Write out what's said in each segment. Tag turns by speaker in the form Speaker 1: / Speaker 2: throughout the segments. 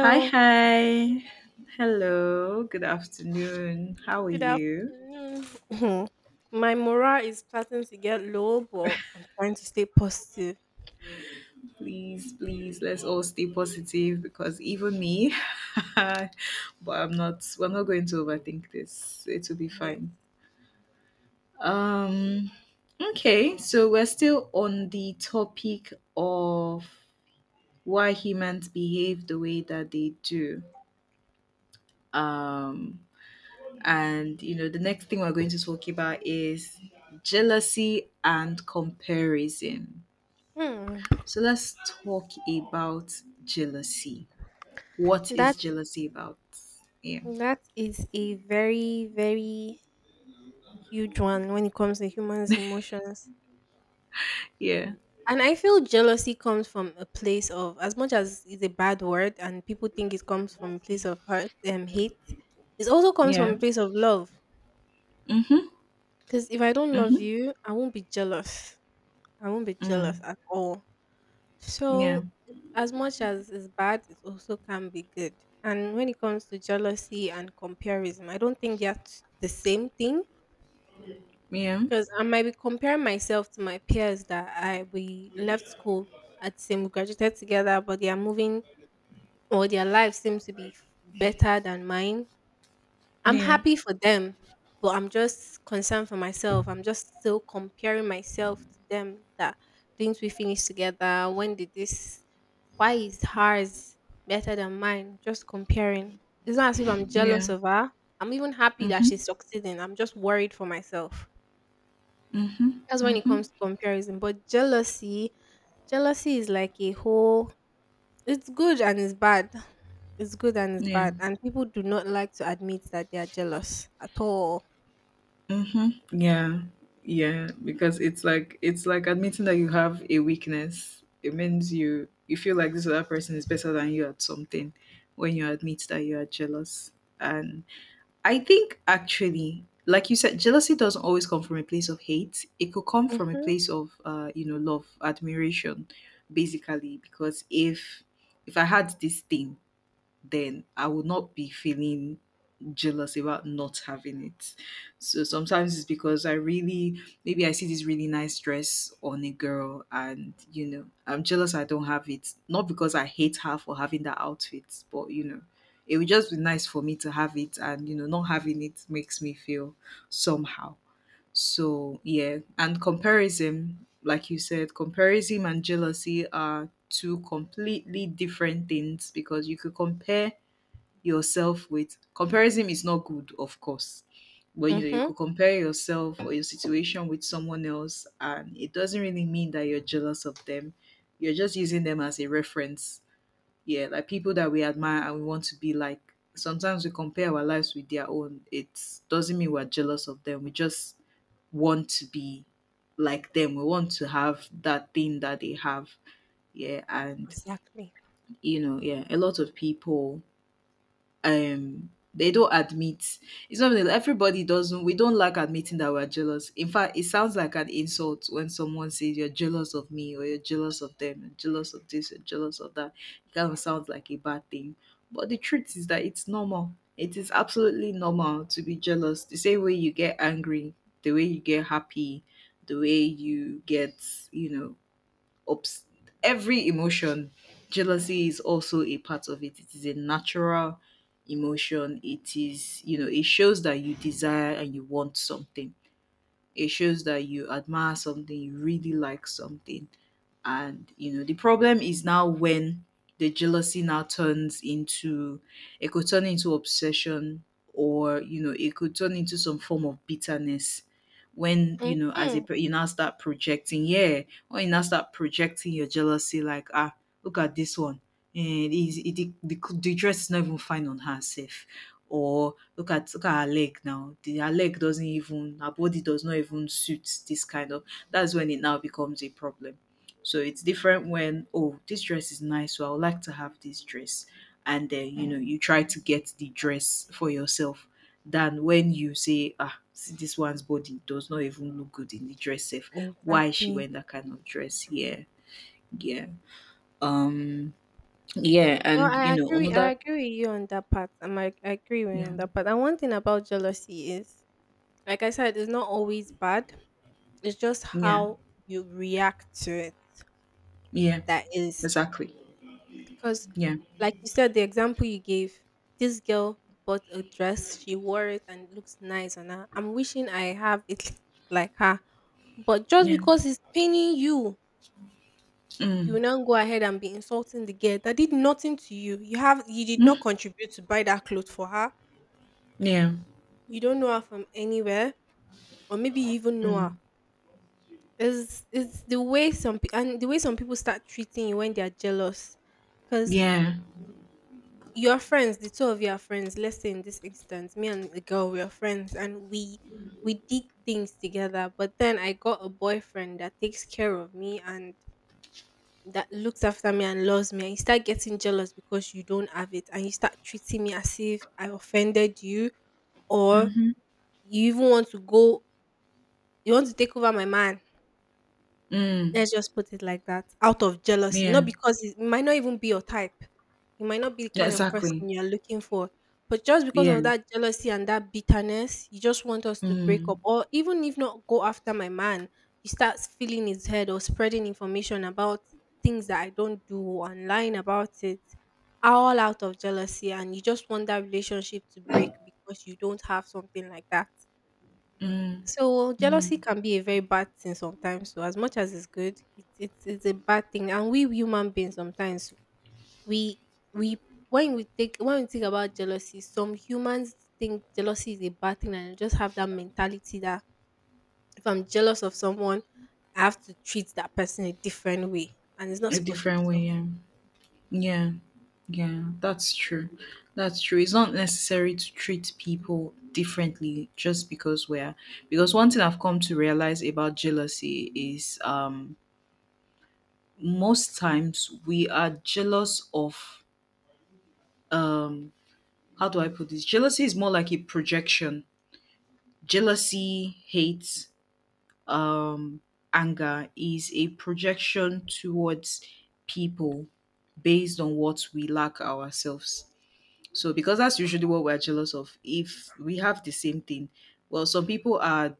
Speaker 1: Hi, hi. Hello. Good afternoon. How are
Speaker 2: good
Speaker 1: you?
Speaker 2: afternoon. Mhm. My morale is starting to get low, but I'm trying to stay positive.
Speaker 1: Please, please, let's all stay positive because even me, but I'm not, we're not going to overthink this. It will be
Speaker 2: Yes.
Speaker 1: fine. Um, okay. So we're still on the topic of why humans behave the way that they do. Um, and, you know, the next thing we're going to talk about is jealousy and comparison.
Speaker 2: Hmm.
Speaker 1: So let's talk about jealousy. What
Speaker 2: That
Speaker 1: is jealousy about? Yeah.
Speaker 2: that is a very very huge one when it comes to humans' emotions.
Speaker 1: Yeah.
Speaker 2: And I feel jealousy comes from a place of, as much as it's a bad word, and people think it comes from a place of hurt and hate. It also comes from a
Speaker 1: Yeah.
Speaker 2: place of love.
Speaker 1: Mhm.
Speaker 2: Because if I don't love
Speaker 1: Mhm.
Speaker 2: you, I won't be jealous. I won't be
Speaker 1: Mm.
Speaker 2: jealous at all.
Speaker 1: Yeah.
Speaker 2: So, as much as it's bad, it also can be good. And when it comes to jealousy and comparison, I don't think they're the same thing
Speaker 1: Yeah.
Speaker 2: because I might be comparing myself to my peers that I we left school at the same, we graduated together, but they are moving or their life seems to be better than mine. I'm
Speaker 1: Yeah.
Speaker 2: happy for them, but I'm just concerned for myself. I'm just still comparing myself to them that didn't we finish together? When did this why is hers better than mine? Just comparing. It's not as if I'm jealous
Speaker 1: Yeah.
Speaker 2: of her. I'm even happy that she's
Speaker 1: Mhm.
Speaker 2: succeeding. I'm just worried for myself.
Speaker 1: Mhm.
Speaker 2: That's when it comes
Speaker 1: Mhm.
Speaker 2: to comparison. But jealousy, jealousy is like a whole, it's good and it's bad. It's good and it's
Speaker 1: Yeah.
Speaker 2: bad. And people do not like to admit that they are jealous at all.
Speaker 1: Mhm. Yeah. Yeah, because it's like admitting that you have a weakness. It means you feel like this other person is better than you at something when you admit that you are jealous. And I think actually, like you said, jealousy doesn't always come from a place of hate. It could come from a
Speaker 2: Mhm,
Speaker 1: place of, you know, love, admiration, basically. Because if I had this thing, then I would not be feeling jealous about not having it. So sometimes it's because I really maybe I see this really nice dress on a girl and you know, I'm jealous I don't have it. Not because I hate her for having that outfit, but you know, it would just be nice for me to have it and you know, not having it makes me feel somehow. So yeah, and comparison, like you said, comparison and jealousy are two completely different things because you could compare yourself with comparison is not good, of course. But you know, you
Speaker 2: mhm.
Speaker 1: could compare yourself or your situation with someone else, and it doesn't really mean that you're jealous of them. You're just using them as a reference. Yeah, like people that we admire and we want to be like. Sometimes we compare our lives with their own. It doesn't mean we're jealous of them. We just want to be like them. We want to have that thing that they have. Yeah, and
Speaker 2: Exactly.
Speaker 1: a lot of people they don't admit, it's not really, everybody doesn't we don't like admitting that we're jealous. In fact, it sounds like an insult when someone says you're jealous of me or you're jealous of them, you're jealous of this, you're jealous of that. It kind of sounds like a bad thing, but the truth is that it's normal. It is absolutely normal to be jealous. The same way you get angry, the way you get happy, the way you get, you know, ups- every emotion, jealousy is also a part of it. It is a natural emotion. It is, you know, it shows that you desire and you want something. It shows that you admire something, you really like something. And, you know, the problem is now when the jealousy now it could turn into obsession or, you know, it could turn into some form of bitterness. When, you know,
Speaker 2: Mhm.
Speaker 1: you now start projecting, yeah, when you now start projecting your jealousy, like, ah, look at this one. And the dress is not even fine on herself. Or look at her leg now. Her leg doesn't even, her body does not even suit this kind of, that's when it now becomes a problem. So it's different when, oh this dress is nice, so I would like to have this dress. And then you know you try to get the dress for yourself, than when you say, ah, see this one's body does not even look good in the dress safe. Why she
Speaker 2: Exactly.
Speaker 1: wearing that kind of dress? Yeah. Yeah. Um yeah,
Speaker 2: No,
Speaker 1: and you
Speaker 2: I
Speaker 1: know,
Speaker 2: agree I
Speaker 1: another
Speaker 2: agree with you on that part. I agree with you
Speaker 1: yeah,
Speaker 2: on that part. And one thing about jealousy is, like I said, it's not always bad. It's just
Speaker 1: yeah,
Speaker 2: how you react to it
Speaker 1: yeah,
Speaker 2: that is.
Speaker 1: exactly.
Speaker 2: Because,
Speaker 1: Yeah.
Speaker 2: like you said, the example you gave, this girl bought a dress, she wore it and it looks nice on her. I'm wishing I have it like her. But just
Speaker 1: Yeah.
Speaker 2: because it's paining you, you
Speaker 1: Mm.
Speaker 2: will now go ahead and be insulting the girl that did nothing to you. You have you did not
Speaker 1: Mm.
Speaker 2: contribute to buy that clothes for her.
Speaker 1: Yeah.
Speaker 2: You don't know her from anywhere, or maybe you even know her.
Speaker 1: Mm.
Speaker 2: Is the way some pe- and the way some people start treating you when they are jealous, because
Speaker 1: Yeah.
Speaker 2: your friends, the two of you are friends. Let's say in this instance, me and the girl, we are friends, and we did things together. But then I got a boyfriend that takes care of me and that looks after me and loves me, and you start getting jealous because you don't have it and you start treating me as if I offended you, or
Speaker 1: Mhm.
Speaker 2: you even want to go, you want to take over my man.
Speaker 1: Mm.
Speaker 2: Let's just put it like that. Out of jealousy,
Speaker 1: Yeah.
Speaker 2: not because it might not even be your type. You might not be the
Speaker 1: Yeah,
Speaker 2: kind of person
Speaker 1: exactly.
Speaker 2: you're looking for. But just because
Speaker 1: Yeah.
Speaker 2: of that jealousy and that bitterness, you just want us to break
Speaker 1: Mm.
Speaker 2: up. Or even if not go after my man, you start feeling his head or spreading information about things that I don't do or lying about it. All out of jealousy and you just want that relationship to break because you don't have something like that.
Speaker 1: Mm.
Speaker 2: So
Speaker 1: Mm.
Speaker 2: jealousy can be a very bad thing sometimes. So as much as it's good, it's a bad thing. And we human beings sometimes we we when we think about jealousy, some humans think jealousy is a bad thing and just have that mentality that if I'm jealous of someone, I have to treat that person a different way, and it's not
Speaker 1: A
Speaker 2: supposed to be
Speaker 1: different
Speaker 2: so.
Speaker 1: way, yeah. Yeah. Yeah, that's true. That's true. It's not necessary to treat people differently just because we're, because one thing I've come to realize about jealousy is, most times we are jealous of, um how do I put this? Jealousy is more like a projection. Jealousy, hate, um, anger is a projection towards people based on what we lack ourselves. So, because that's usually what we're jealous of, if we have the same thing, well, some people are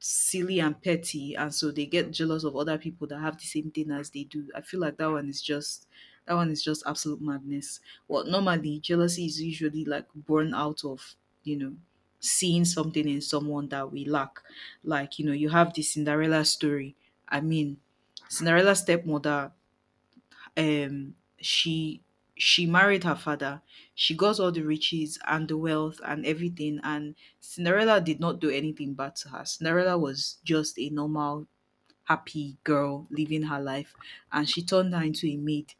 Speaker 1: silly and petty and so they get jealous of other people that have the same thing as they do. I feel like that one is just absolute madness. Well, normally jealousy is usually like born out of, you know, seeing something in someone that we lack. Like, you know, you have the Cinderella story. I mean, Cinderella's stepmother, um she she married her father. She got all the riches and the wealth and everything, and Cinderella did not do anything bad to her. Cinderella was just a normal happy girl living her life, and she turned her into a maid.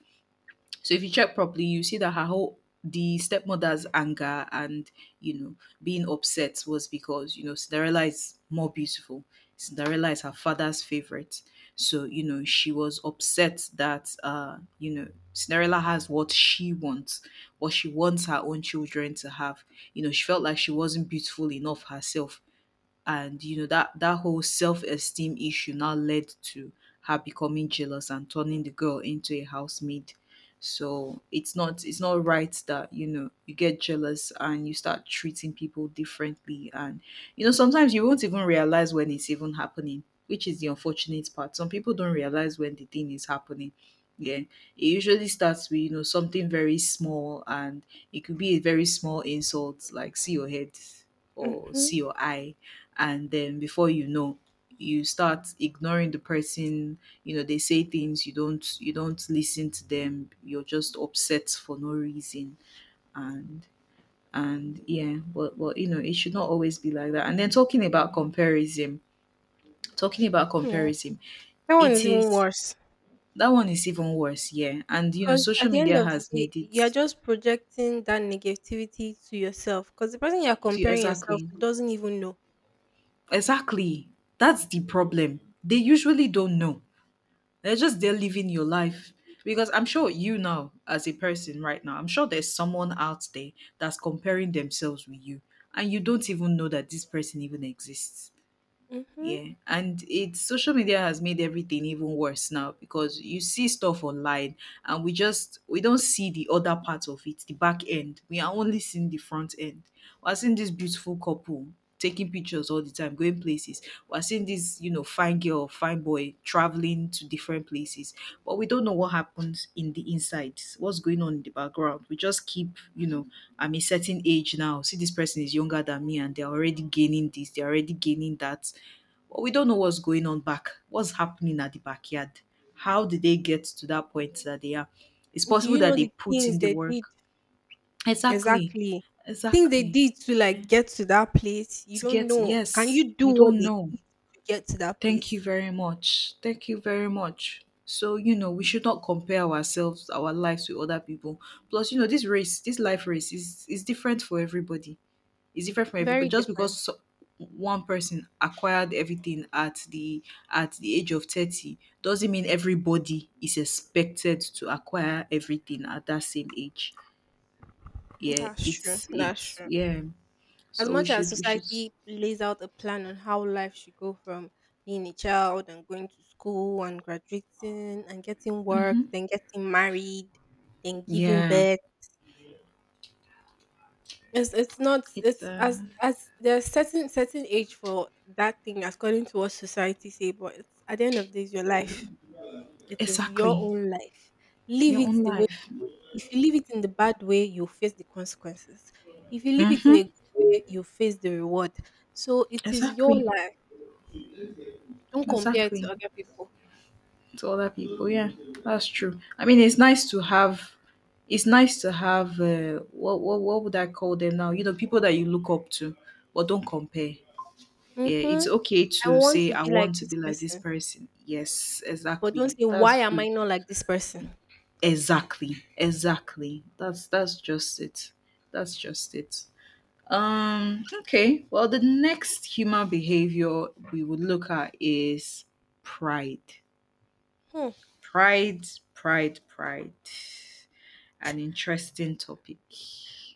Speaker 1: So if you check properly, you see that her whole the stepmother's anger and, you know, being upset was because, you know, Cinderella is more beautiful. Cinderella is her father's favorite, so you know she was upset that, you know, Cinderella has what she wants her own children to have. You know she felt like she wasn't beautiful enough herself, and you know that whole self-esteem issue now led to her becoming jealous and turning the girl into a housemaid. So it's not right that, you know, you get jealous and you start treating people differently. And you know sometimes you won't even realize when it's even happening, which is the unfortunate part. Some people don't realize when the thing is happening. Yeah, it usually starts with, you know, something very small, and it could be a very small insult, like see your head or
Speaker 2: Hmm.
Speaker 1: see your eye. And then before you know, you start ignoring the person. You know they say things, you don't listen to them, you're just upset for no reason. and and yeah, but you know, it should not always be like that. And then talking about comparison, talking about comparison
Speaker 2: That one
Speaker 1: it
Speaker 2: is even
Speaker 1: is,
Speaker 2: worse.
Speaker 1: that one is even worse. Yeah, and you know,
Speaker 2: Because at
Speaker 1: social
Speaker 2: the end
Speaker 1: media
Speaker 2: of the
Speaker 1: has
Speaker 2: day,
Speaker 1: made
Speaker 2: you're
Speaker 1: it
Speaker 2: just projecting that negativity to yourself. Because the person you're
Speaker 1: to,
Speaker 2: comparing yourself
Speaker 1: exactly,
Speaker 2: to doesn't even know.
Speaker 1: exactly. That's the problem, they usually don't know. They're just there living your life. Because I'm sure you now, as a person right now, I'm sure there's someone out there that's comparing themselves with you. And you don't even know that this person even exists.
Speaker 2: Hmm.
Speaker 1: Yeah, and it's social media has made everything even worse now because you see stuff online and we don't see the other part of it, the back end. We are only seeing the front end. We're seeing this beautiful couple taking pictures all the time, going places. We're seeing this, you know, fine girl, fine boy traveling to different places, but we don't know what happens in the insides, what's going on in the background. We just keep, you know, I'm a certain age now. See, this person is younger than me and they're already gaining that, but we don't know what's going on back. What's happening at the backyard? How did they get to that point that they are? It's
Speaker 2: Do
Speaker 1: possible
Speaker 2: you know
Speaker 1: that they
Speaker 2: the
Speaker 1: put
Speaker 2: things
Speaker 1: in the
Speaker 2: they did
Speaker 1: work. Exactly.
Speaker 2: exactly? Things they
Speaker 1: Exactly.
Speaker 2: did to like get to that place. You
Speaker 1: To
Speaker 2: don't
Speaker 1: get,
Speaker 2: know. Can
Speaker 1: yes,
Speaker 2: you do
Speaker 1: you
Speaker 2: what
Speaker 1: don't
Speaker 2: they
Speaker 1: know.
Speaker 2: did to get to that
Speaker 1: Thank you
Speaker 2: place?
Speaker 1: very much. Thank you very much. So, you know, we should not compare ourselves, our lives with other people. Plus, you know, this life race is different for everybody, is different from everybody.
Speaker 2: Very
Speaker 1: Just
Speaker 2: different.
Speaker 1: because one person acquired everything at the age of 30 doesn't mean everybody is expected to acquire everything at that same age. Yeah
Speaker 2: That's true. That's
Speaker 1: it's
Speaker 2: true.
Speaker 1: Yeah.
Speaker 2: As
Speaker 1: So
Speaker 2: much as
Speaker 1: we should,
Speaker 2: society lays out a plan on how life should go from being a child and going to school and graduating and getting work, then getting married, then giving
Speaker 1: yeah,
Speaker 2: birth. It's not,
Speaker 1: it's
Speaker 2: it's as there's certain age for that thing according to what society say, but it's at the end of the day it's your life. It is your
Speaker 1: exactly,
Speaker 2: own life. Live
Speaker 1: your own
Speaker 2: it the way
Speaker 1: life.
Speaker 2: you would. If you live it in the bad way, you face the consequences. If you live it in
Speaker 1: Mm-hmm.
Speaker 2: a good way, you face the reward. So it is your
Speaker 1: Exactly,
Speaker 2: life. Don't compare it to
Speaker 1: exactly,
Speaker 2: other people.
Speaker 1: to other people. Yeah, that's true. I mean, It's nice to have. What what would I call them now? You know, people that you look up to, but don't compare. Yeah,
Speaker 2: Mm-hmm.
Speaker 1: it's okay
Speaker 2: I
Speaker 1: to
Speaker 2: want
Speaker 1: say
Speaker 2: to
Speaker 1: I
Speaker 2: be like
Speaker 1: want to
Speaker 2: this
Speaker 1: be like this
Speaker 2: person,
Speaker 1: person. Yes,
Speaker 2: but don't
Speaker 1: exactly.
Speaker 2: say, why
Speaker 1: That's
Speaker 2: am
Speaker 1: good.
Speaker 2: I not like this person?
Speaker 1: Exactly, exactly. That's just it. That's just it. Okay. Well, the next human behavior we would look at is pride.
Speaker 2: Hmm.
Speaker 1: Pride, Pride. An interesting topic.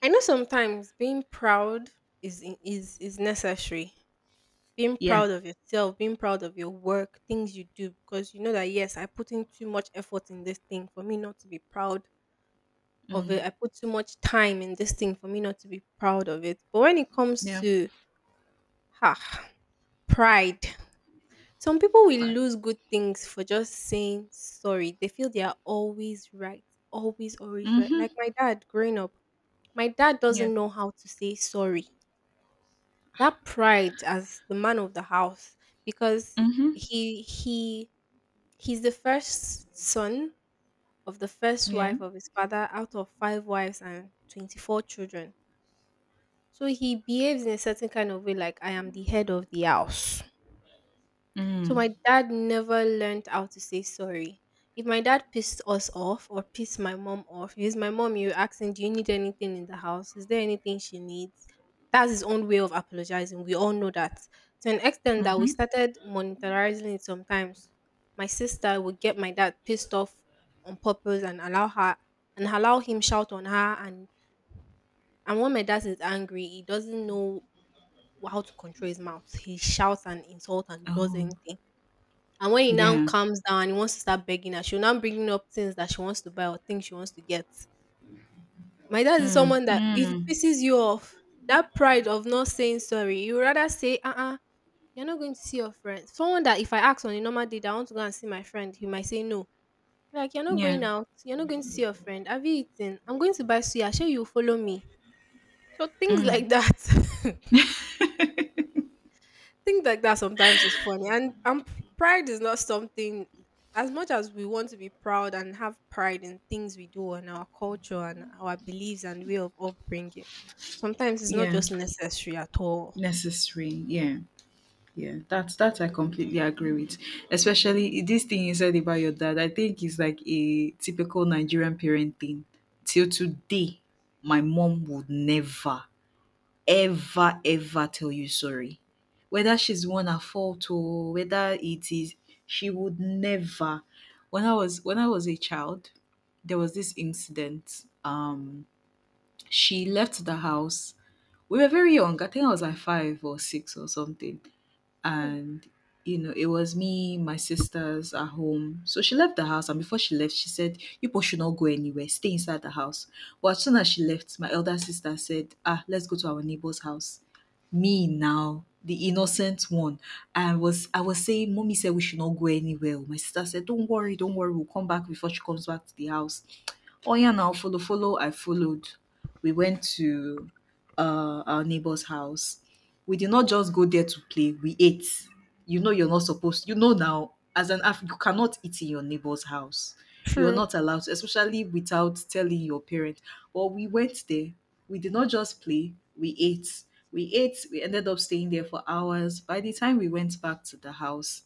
Speaker 2: I know sometimes being proud is in- is is necessary. Being
Speaker 1: Yeah.
Speaker 2: proud of yourself, being proud of your work, things you do, because you know that yes, I put in too much effort in this thing for me not to be proud of it.
Speaker 1: Mm.
Speaker 2: I put too much time in this thing for me not to be proud of it. But when it comes
Speaker 1: Yeah.
Speaker 2: to ha pride, some people will
Speaker 1: Pride.
Speaker 2: lose good things for just saying sorry. They feel they are always right, always, always right.
Speaker 1: Mhm.
Speaker 2: Like my dad growing up, my dad
Speaker 1: Yeah.
Speaker 2: doesn't know how to say sorry. That pride as the man of the house, because
Speaker 1: Mhm.
Speaker 2: he he he's the first son of the first
Speaker 1: Yeah.
Speaker 2: wife of his father out of five wives and 24 children. So he behaves in a certain kind of way, like I am the head of the house. So
Speaker 1: Mm.
Speaker 2: my dad never learned how to say sorry. If my dad pissed us off or pissed my mom off, he's my mom, you're asking, do you need anything in the house? Is there anything she needs? That's his own way of apologizing. We all know that. To an extent that we
Speaker 1: Mhm.
Speaker 2: started monetizing it sometimes. My sister would get my dad pissed off on purpose and allow him shout on her, and when my dad is angry, he doesn't know how to control his mouth. He shouts and insults and does
Speaker 1: Oh.
Speaker 2: anything. And when he now
Speaker 1: Yeah.
Speaker 2: calms down and he wants to start begging her, she'll now bringing up things that she wants to buy or things she wants to get. My dad is
Speaker 1: Mm.
Speaker 2: someone that if he
Speaker 1: Mm.
Speaker 2: pisses you off, that pride of not saying sorry, you rather say, you are not going to see your friends. Someone that if I ask on a normal day that I want to go and see my friend, he might say no. Like, you're not
Speaker 1: Yeah.
Speaker 2: going out, you're not going to see your friend. Have you eaten? I'm going to buy suya, sure you follow me. So things like that. Things like that sometimes is funny, and pride is not something. As much as we want to be proud and have pride in things we do and our culture and our beliefs and way of upbringing, sometimes it's not
Speaker 1: Yeah.
Speaker 2: just necessary at all.
Speaker 1: Necessary. Yeah. Yeah. That's that I completely agree with. Especially this thing you said about your dad. I think it's like a typical Nigerian parent thing. Till today, my mom would never ever, ever tell you sorry. Whether she's the one at fault or whether it is, she would never. When I was a child, there was this incident. She left the house. We were very young. I think I was like 5 or 6 or something
Speaker 2: Mm.
Speaker 1: and it was me my sisters at home. So she left the house, and before she left she said, "You both should not go anywhere, stay inside the house." But as soon as she left, my elder sister said, "Ah, let's go to our neighbor's house." Me now, the innocent one, I was saying, "Mommy said we should not go anywhere." My sister said, "Don't worry, don't worry, we'll come back before she comes back to the house." Oh yeah, now follow follow, I followed. We went to our neighbor's house. We did not just go there to play. We ate. You know, you're not supposed. You know now, as an Af, you cannot eat in your neighbor's house. You are
Speaker 2: True.
Speaker 1: not allowed to, especially without telling your parents. Well, we went there. We did not just play. We ate. We ate. We ended up staying there for hours. By the time we went back to the house,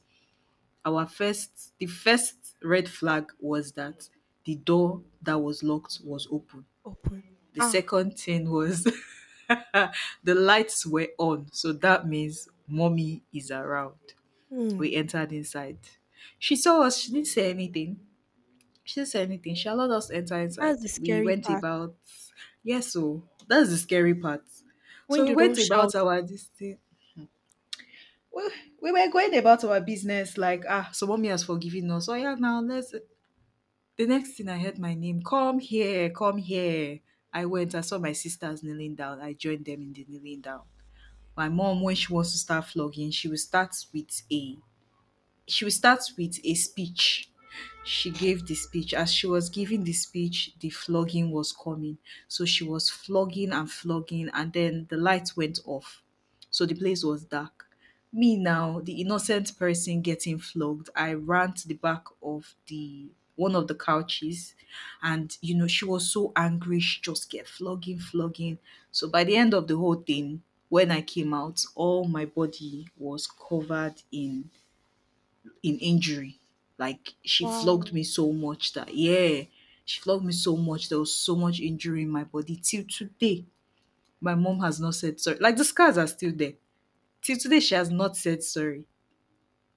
Speaker 1: the first red flag was that the door that was locked was open.
Speaker 2: Open.
Speaker 1: The
Speaker 2: Ah.
Speaker 1: second thing was, the lights were on, so that means mommy is around. We
Speaker 2: Hmm.
Speaker 1: entered inside. She saw us, she didn't say anything. She didn't say anything. She allowed us to enter
Speaker 2: That's
Speaker 1: inside.
Speaker 2: the
Speaker 1: We
Speaker 2: scary
Speaker 1: went
Speaker 2: part.
Speaker 1: about. Yes, so that's the scary part.
Speaker 2: When
Speaker 1: So we
Speaker 2: they don't
Speaker 1: went about
Speaker 2: shout,
Speaker 1: our this thing. We, we were going about our business like, "Ah, so mommy has forgiven us. So yeah, now let's The next thing, I heard my name, "Come here, come here." I went, I saw my sisters kneeling down. I joined them in the kneeling down. My mom, when she wants to start flogging, she will start with a she will start with a speech. She gave the speech. As she was giving the speech, the flogging was coming. So she was flogging and flogging, and then the light went off. So the place was dark. Me now, the innocent person getting flogged, I ran to the back of the, one of the couches, and you know she was so angry, she just kept flogging, flogging. So by the end of the whole thing, when I came out, all my body was covered in injury. Like she flogged
Speaker 2: wow,
Speaker 1: me so much that, yeah, she flogged me so much. There was so much injury in my body. Till today, my mom has not said sorry. Like the scars are still there. Till today, she has not said sorry.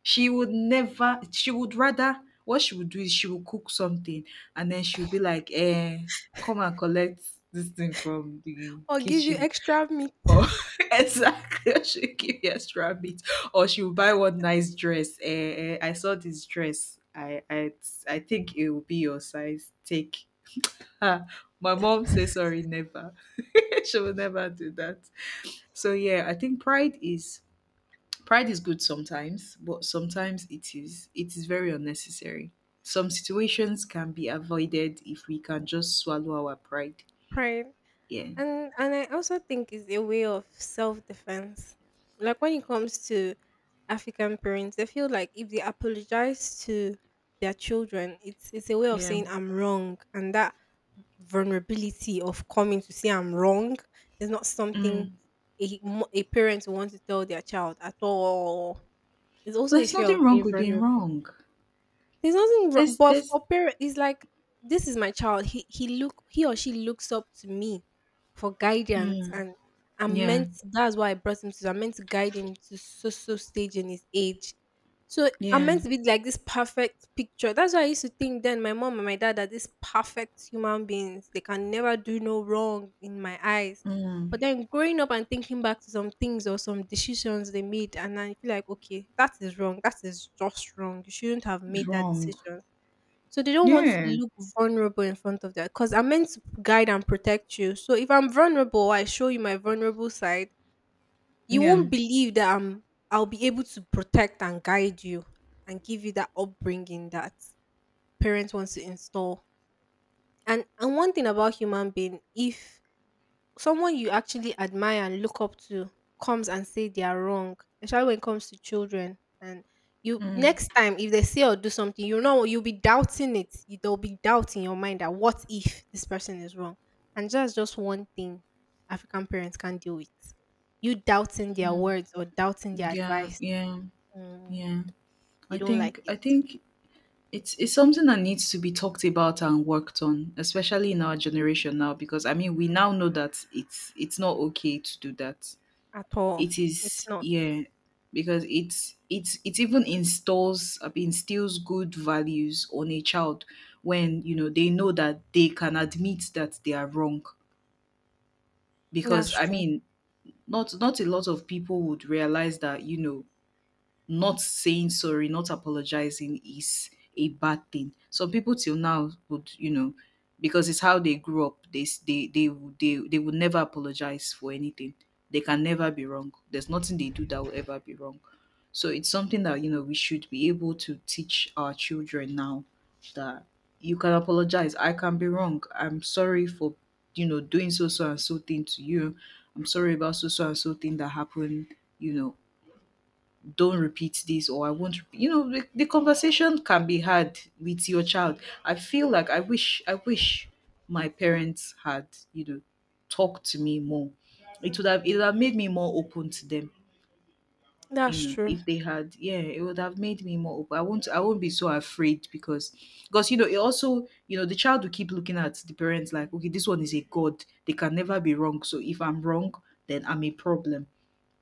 Speaker 1: She would never. She would rather. What she would do is she would cook something, and then she would be like, "Eh, come and collect this thing from the
Speaker 2: or give you
Speaker 1: kitchen."
Speaker 2: extra meat.
Speaker 1: Oh, exactly. She'll give you extra meat, or she'll buy one nice dress. "Eh, eh, I saw this dress. I think it will be your size. Take." Ah, my mom says sorry, never. She will never do that. So yeah, I think pride is good sometimes, but sometimes it is very unnecessary. Some situations can be avoided if we can just swallow our pride.
Speaker 2: Right.
Speaker 1: Yeah,
Speaker 2: And I also think it's a way of self defense. Like when it comes to African parents, they feel like if they apologize to their children, it's a way of
Speaker 1: yeah.
Speaker 2: saying I'm wrong, and that vulnerability of coming to say I'm wrong is not something
Speaker 1: Mm.
Speaker 2: a parent wants to tell their child at all. It's also a
Speaker 1: There's
Speaker 2: fear
Speaker 1: nothing
Speaker 2: of
Speaker 1: wrong
Speaker 2: being
Speaker 1: with being
Speaker 2: vulnerable.
Speaker 1: wrong.
Speaker 2: There's nothing wrong,
Speaker 1: This
Speaker 2: but
Speaker 1: this
Speaker 2: for parents, it's like this is my child. He or she looks up to me for guidance, and I'm
Speaker 1: Yeah,
Speaker 2: meant. That's why I brought him to. I'm meant to guide him to so stage in his age. So I'm
Speaker 1: yeah.
Speaker 2: meant to be like this perfect picture. That's why I used to think then my mom and my dad are these perfect human beings. They can never do no wrong in my eyes. But
Speaker 1: Mm,
Speaker 2: then growing up and thinking back to some things or some decisions they made, and I feel like, okay, that is wrong. That is just wrong. You shouldn't have made that
Speaker 1: wrong.
Speaker 2: decision. So they don't want to
Speaker 1: Yeah,
Speaker 2: look vulnerable in front of that because I'm meant to guide and protect you. So if I'm vulnerable, I show you my vulnerable side. You
Speaker 1: yeah.
Speaker 2: won't believe that I'm. I'll be able to protect and guide you and give you that upbringing that parents want to install. And one thing about human being, if someone you actually admire and look up to comes and say they are wrong, especially when it comes to children. And you
Speaker 1: Mm,
Speaker 2: next time if they say or do something, you know you'll be doubting it. You, there'll be doubt in your mind that what if this person is wrong? And that's just one thing African parents can't deal with. You doubting their words or doubting their
Speaker 1: yeah,
Speaker 2: advice.
Speaker 1: yeah,
Speaker 2: Mm,
Speaker 1: yeah.
Speaker 2: they
Speaker 1: I
Speaker 2: don't like
Speaker 1: think
Speaker 2: it
Speaker 1: I think it's something that needs to be talked about and worked on, especially in our generation now, because I mean we now know that it's not okay to do that.
Speaker 2: at all.
Speaker 1: It
Speaker 2: It's
Speaker 1: is,
Speaker 2: not.
Speaker 1: yeah, because it's it even installs instills good values on a child when you know they know that they can admit that they are wrong.
Speaker 2: That's
Speaker 1: Because I
Speaker 2: true.
Speaker 1: mean, not a lot of people would realize that, not saying sorry, not apologizing is a bad thing. Some people till now would, because it's how they grew up. They s- they would never apologize for anything. They can never be wrong. There's nothing they do that will ever be wrong. So it's something that we should be able to teach our children now, that you can apologize. I can be wrong. I'm sorry for doing so so and so thing to you. I'm sorry about so so and so thing that happened. You know, don't repeat this, or I won't rep-" the conversation can be had with your child. I feel like I wish my parents had you know talked to me more. It would have made me more open to them.
Speaker 2: That's true.
Speaker 1: If they had, yeah, it would have made me more open. I won't be so afraid, because it also, the child will keep looking at the parents like, "Okay, this one is a god, they can never be wrong, so if I'm wrong, then I'm a problem."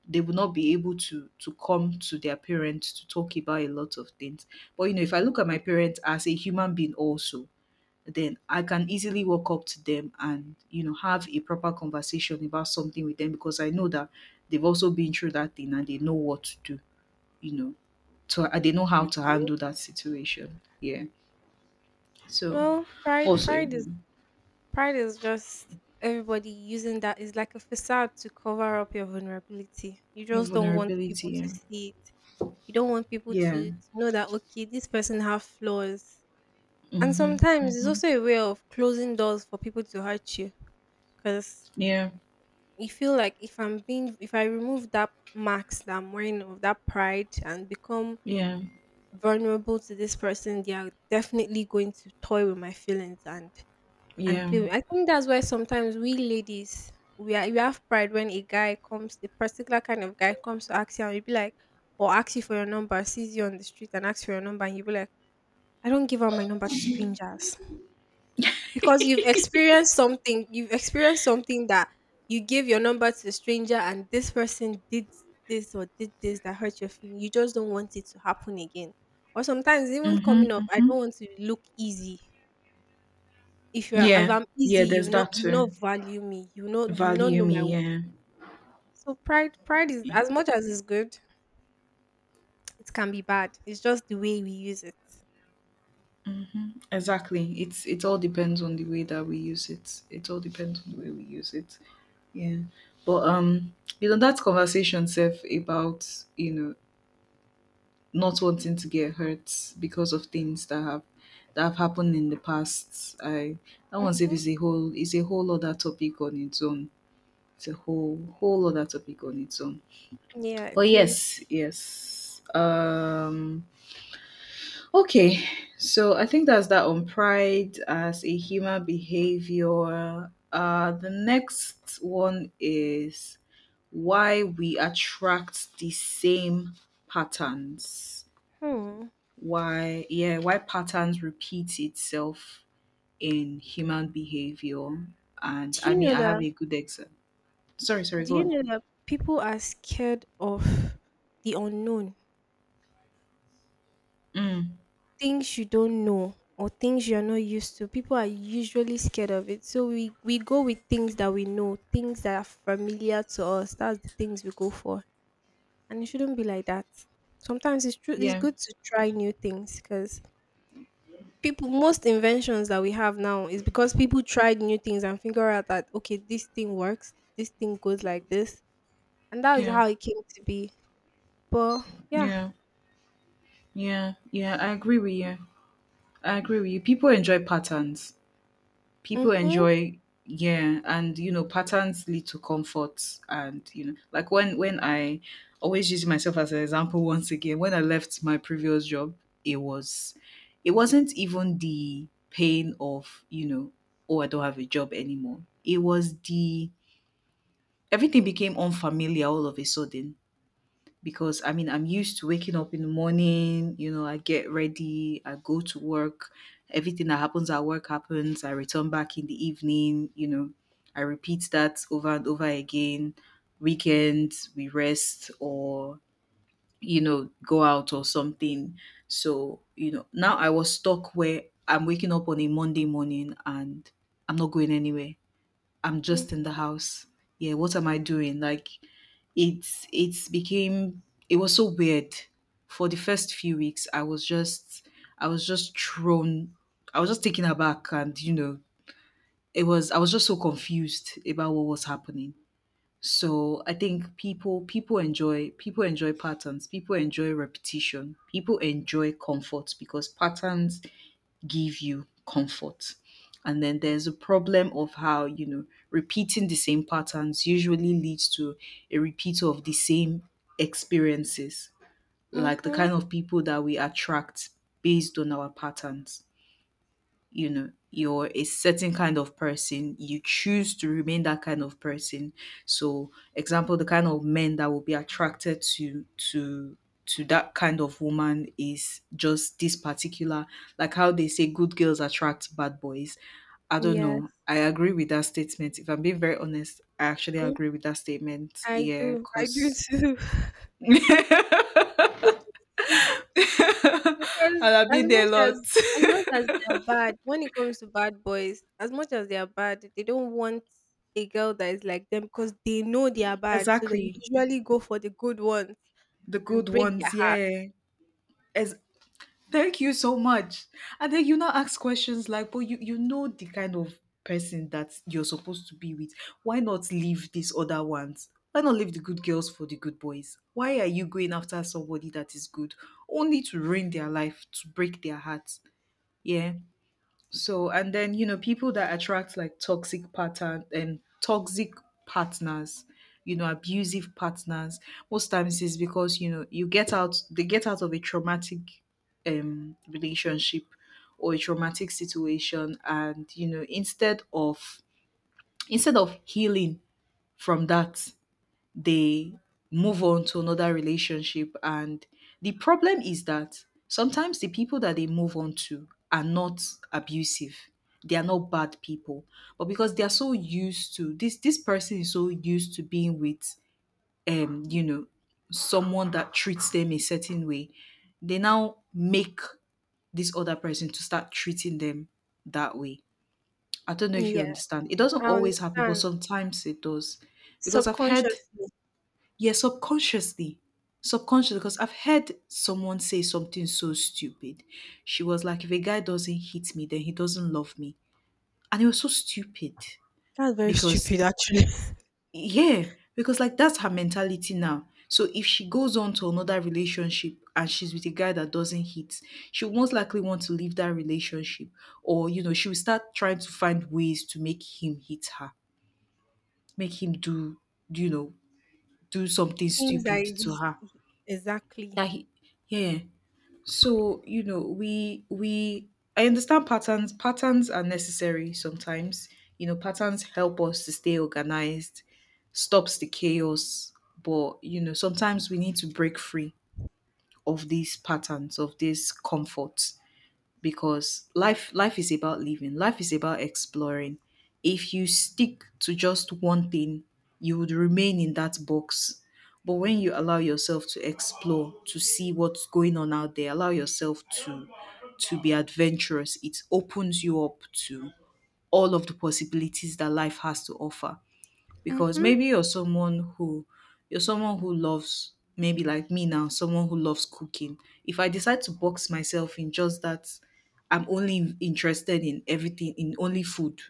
Speaker 1: They will not be able to come to their parents to talk about a lot of things. But if I look at my parents as a human being also, then I can easily walk up to them and have a proper conversation about something with them, because I know that they've also been through that thing and they know what to do, you know. So they know how to
Speaker 2: Mm.
Speaker 1: handle that situation. Yeah. So
Speaker 2: Well, pride
Speaker 1: also,
Speaker 2: pride is Pride is just everybody using that is like a facade to cover up your vulnerability. You
Speaker 1: your
Speaker 2: just don't want people
Speaker 1: vulnerability.
Speaker 2: to
Speaker 1: Yeah.
Speaker 2: see it. You don't want people
Speaker 1: Yeah.
Speaker 2: to know that okay, this person have flaws. And
Speaker 1: Mhm.
Speaker 2: sometimes it's
Speaker 1: Mhm.
Speaker 2: also a way of closing doors for people to hurt you. Because
Speaker 1: Yeah.
Speaker 2: you feel like if I remove that mask that I'm wearing of that pride and become
Speaker 1: Yeah.
Speaker 2: vulnerable to this person, they are definitely going to toy with my feelings and
Speaker 1: Yeah.
Speaker 2: play with. I think that's why sometimes we ladies we have pride when a guy comes, the particular kind of guy comes to ask you and you be like, or ask you for your number, sees you on the street and asks for your number and you be like, I don't give out my number to strangers. Because you've experienced something that you gave your number to a stranger and this person did this or did this that hurt your feeling. You just don't want it to happen again. Or sometimes even coming off,
Speaker 1: Mhm.
Speaker 2: I don't want to look easy. If
Speaker 1: Yeah,
Speaker 2: I'm easy,
Speaker 1: yeah,
Speaker 2: you
Speaker 1: there's
Speaker 2: will not
Speaker 1: that
Speaker 2: you will
Speaker 1: too.
Speaker 2: not value me. You will not
Speaker 1: Value
Speaker 2: know my
Speaker 1: me,
Speaker 2: worth.
Speaker 1: yeah.
Speaker 2: So pride is as much as it's good, it can be bad. It's just the way we use it.
Speaker 1: Exactly. It all depends on the way that we use it. It all depends on the way we use it. Yeah. But that conversation self about, you know, not wanting to get hurt because of things that have happened in the past. I That one safe
Speaker 2: Hmm.
Speaker 1: is a whole other topic on its own. It's a whole whole other topic on its own.
Speaker 2: Yeah, it
Speaker 1: But
Speaker 2: is.
Speaker 1: yes, yes. Okay, so I think that's that on pride as a human behavior. The next one is why we attract the same patterns.
Speaker 2: Hmm.
Speaker 1: Yeah, why patterns repeat itself in human behavior. And
Speaker 2: Do
Speaker 1: I
Speaker 2: you
Speaker 1: mean,
Speaker 2: know
Speaker 1: I have
Speaker 2: that?
Speaker 1: a good example. Sorry, sorry,
Speaker 2: Do
Speaker 1: go
Speaker 2: you
Speaker 1: on.
Speaker 2: know that people are scared of the unknown,
Speaker 1: Mm,
Speaker 2: things you don't know or things you're not used to? People are usually scared of it. So we go with things that we know, things that are familiar to us. That's the things we go for. And it shouldn't be like that. Sometimes it's true. It's
Speaker 1: yeah,
Speaker 2: good to try new things because people, most inventions that we have now is because people tried new things and figure out that okay, this thing works, this thing goes like this, and that is
Speaker 1: yeah,
Speaker 2: how it came to be. But yeah.
Speaker 1: yeah, yeah, yeah. I agree with you. I agree with you. People enjoy patterns, people
Speaker 2: Mhm.
Speaker 1: enjoy yeah, and patterns lead to comfort. And like when I always use myself as an example once again, when I left my previous job, it was it wasn't even the pain of, "Oh, I don't have a job anymore." It was, the everything became unfamiliar all of a sudden, because I mean, I'm used to waking up in the morning, I get ready, I go to work, everything that happens at work happens, I return back in the evening, I repeat that over and over again. Weekends, we rest or, go out or something. So, now I was stuck where I'm waking up on a Monday morning and I'm not going anywhere. I'm
Speaker 2: Mm.
Speaker 1: just in the house. Yeah, what am I doing? Like it's it's became it was so weird. For the first few weeks I was just, I was just thrown, I was just taken aback, and it was I was just so confused about what was happening. So I think people enjoy patterns, people enjoy repetition, people enjoy comfort, because patterns give you comfort. And then there's a problem of how, repeating the same patterns usually leads to a repeat of the same experiences, like the
Speaker 2: Mhm.
Speaker 1: kind of people that we attract based on our patterns. You're a certain kind of person, you choose to remain that kind of person. So, example, the kind of men that will be attracted to that kind of woman is just this particular, like how they say good girls attract bad boys. I don't know,
Speaker 2: Yes.
Speaker 1: I agree with that statement, if I'm being very honest. I actually
Speaker 2: Mm.
Speaker 1: agree with that statement, yeah,
Speaker 2: I do
Speaker 1: because
Speaker 2: too.
Speaker 1: and
Speaker 2: Because
Speaker 1: I've been there a lot.
Speaker 2: as much as they are bad, when it comes to bad boys, as much as they are bad, they don't want a girl that is like them because they know they are bad. So they
Speaker 1: Exactly,
Speaker 2: usually go for the good ones
Speaker 1: the
Speaker 2: and
Speaker 1: good
Speaker 2: break their
Speaker 1: ones,
Speaker 2: heart.
Speaker 1: yeah. as Thank you so much. And then you now ask questions like, "But you know the kind of person that you're supposed to be with. Why not leave these other ones? Why not leave the good girls for the good boys? Why are you going after somebody that is good, only to ruin their life, to break their hearts?" Yeah. So, and then, people that attract like toxic pattern and toxic partners, abusive partners, most times is because, they get out of a traumatic relationship or a traumatic situation. And, instead of, healing from that, they move on to another relationship. And the problem is that sometimes the people that they move on to are not abusive. They are not bad people. But because they are so used to this, person is so used to being with um, you know, someone that treats them a certain way, they now make this other person to start treating them that way. I don't know if you
Speaker 2: Yeah,
Speaker 1: understand. It doesn't
Speaker 2: I
Speaker 1: always happen, but
Speaker 2: understand.
Speaker 1: sometimes it does. Because I've heard
Speaker 2: Subconsciously.
Speaker 1: Yeah, subconsciously. Subconsciously, because I've heard someone say something so stupid. She was like, "If a guy doesn't hit me, then he doesn't love me." And it was so stupid,
Speaker 2: That's very
Speaker 1: because,
Speaker 2: stupid, actually.
Speaker 1: yeah, because like that's her mentality now. So if she goes on to another relationship and she's with a guy that doesn't hit, she'll most likely want to leave that relationship. Or, she will start trying to find ways to make him hit her, make him you know, do something
Speaker 2: Things are
Speaker 1: stupid to
Speaker 2: easy.
Speaker 1: her.
Speaker 2: Exactly.
Speaker 1: That he, yeah. Yeah. so you know we I understand, patterns are necessary sometimes. Patterns help us to stay organized, stops the chaos. But sometimes we need to break free of these patterns, of this comfort, because life is about living, life is about exploring. If you stick to just one thing, you would remain in that box. But when you allow yourself to explore, to see what's going on out there, allow yourself to be adventurous, it opens you up to all of the possibilities that life has to offer. Because
Speaker 2: Mm-hmm.
Speaker 1: maybe you're someone who loves, maybe like me now, someone who loves cooking. If I decide to box myself in just that, I'm only interested in only food,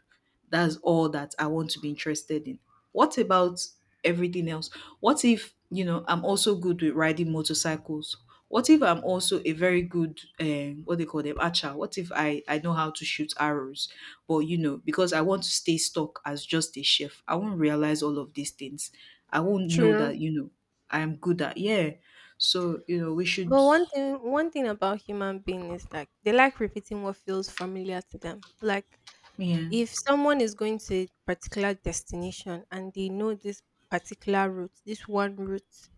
Speaker 1: that's all that I want to be interested in. What about everything else? What if, I'm also good with riding motorcycles? What if I'm also a very good, what they call them, archer? What if I know how to shoot arrows? But, because I want to stay stuck as just a chef, I won't realize all of these things. I won't know
Speaker 2: True.
Speaker 1: that, I'm good at, yeah. So, we should,
Speaker 2: But one thing about human being is like they like repeating what feels familiar to them. Like
Speaker 1: yeah,
Speaker 2: if someone is going to a particular destination and they know this particular route, this one route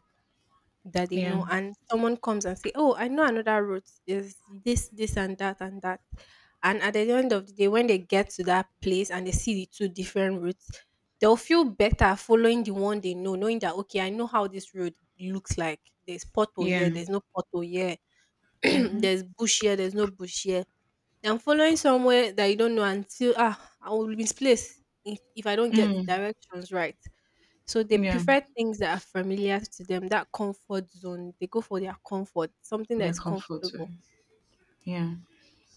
Speaker 2: that they
Speaker 1: yeah,
Speaker 2: know, and someone comes and say, "Oh, I know another route is this, this, and that, and that," and at the end of the day, when they get to that place and they see the two different routes, they'll feel better following the one they know, knowing that okay, I know how this road looks like. There's pothole
Speaker 1: yeah.
Speaker 2: here, there's no pothole here,
Speaker 1: Mm-hmm.
Speaker 2: there's bush here, there's no bush here. I'm following somewhere that you don't know until ah I will be misplaced if I don't get the
Speaker 1: Mm,
Speaker 2: directions right. So they
Speaker 1: yeah,
Speaker 2: prefer things that are familiar to them, that comfort zone. They go for their comfort, something that
Speaker 1: yeah,
Speaker 2: is
Speaker 1: comfort.
Speaker 2: comfortable.
Speaker 1: Yeah.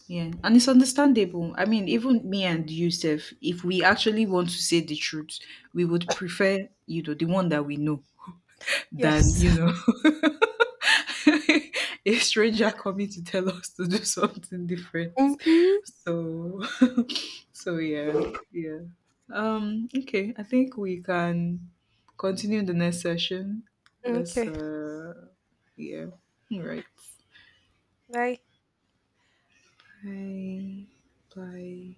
Speaker 1: Yeah, and it's understandable. I mean, even me and Yusuf, if we actually want to say the truth, we would prefer, the one that we know, than,
Speaker 2: Yes.
Speaker 1: a stranger coming to tell us to do something different.
Speaker 2: Hmm.
Speaker 1: So, so yeah, yeah. Okay, I think we can continue the next session. Let's,
Speaker 2: Okay.
Speaker 1: yeah. All right.
Speaker 2: Bye.
Speaker 1: Bye. Bye.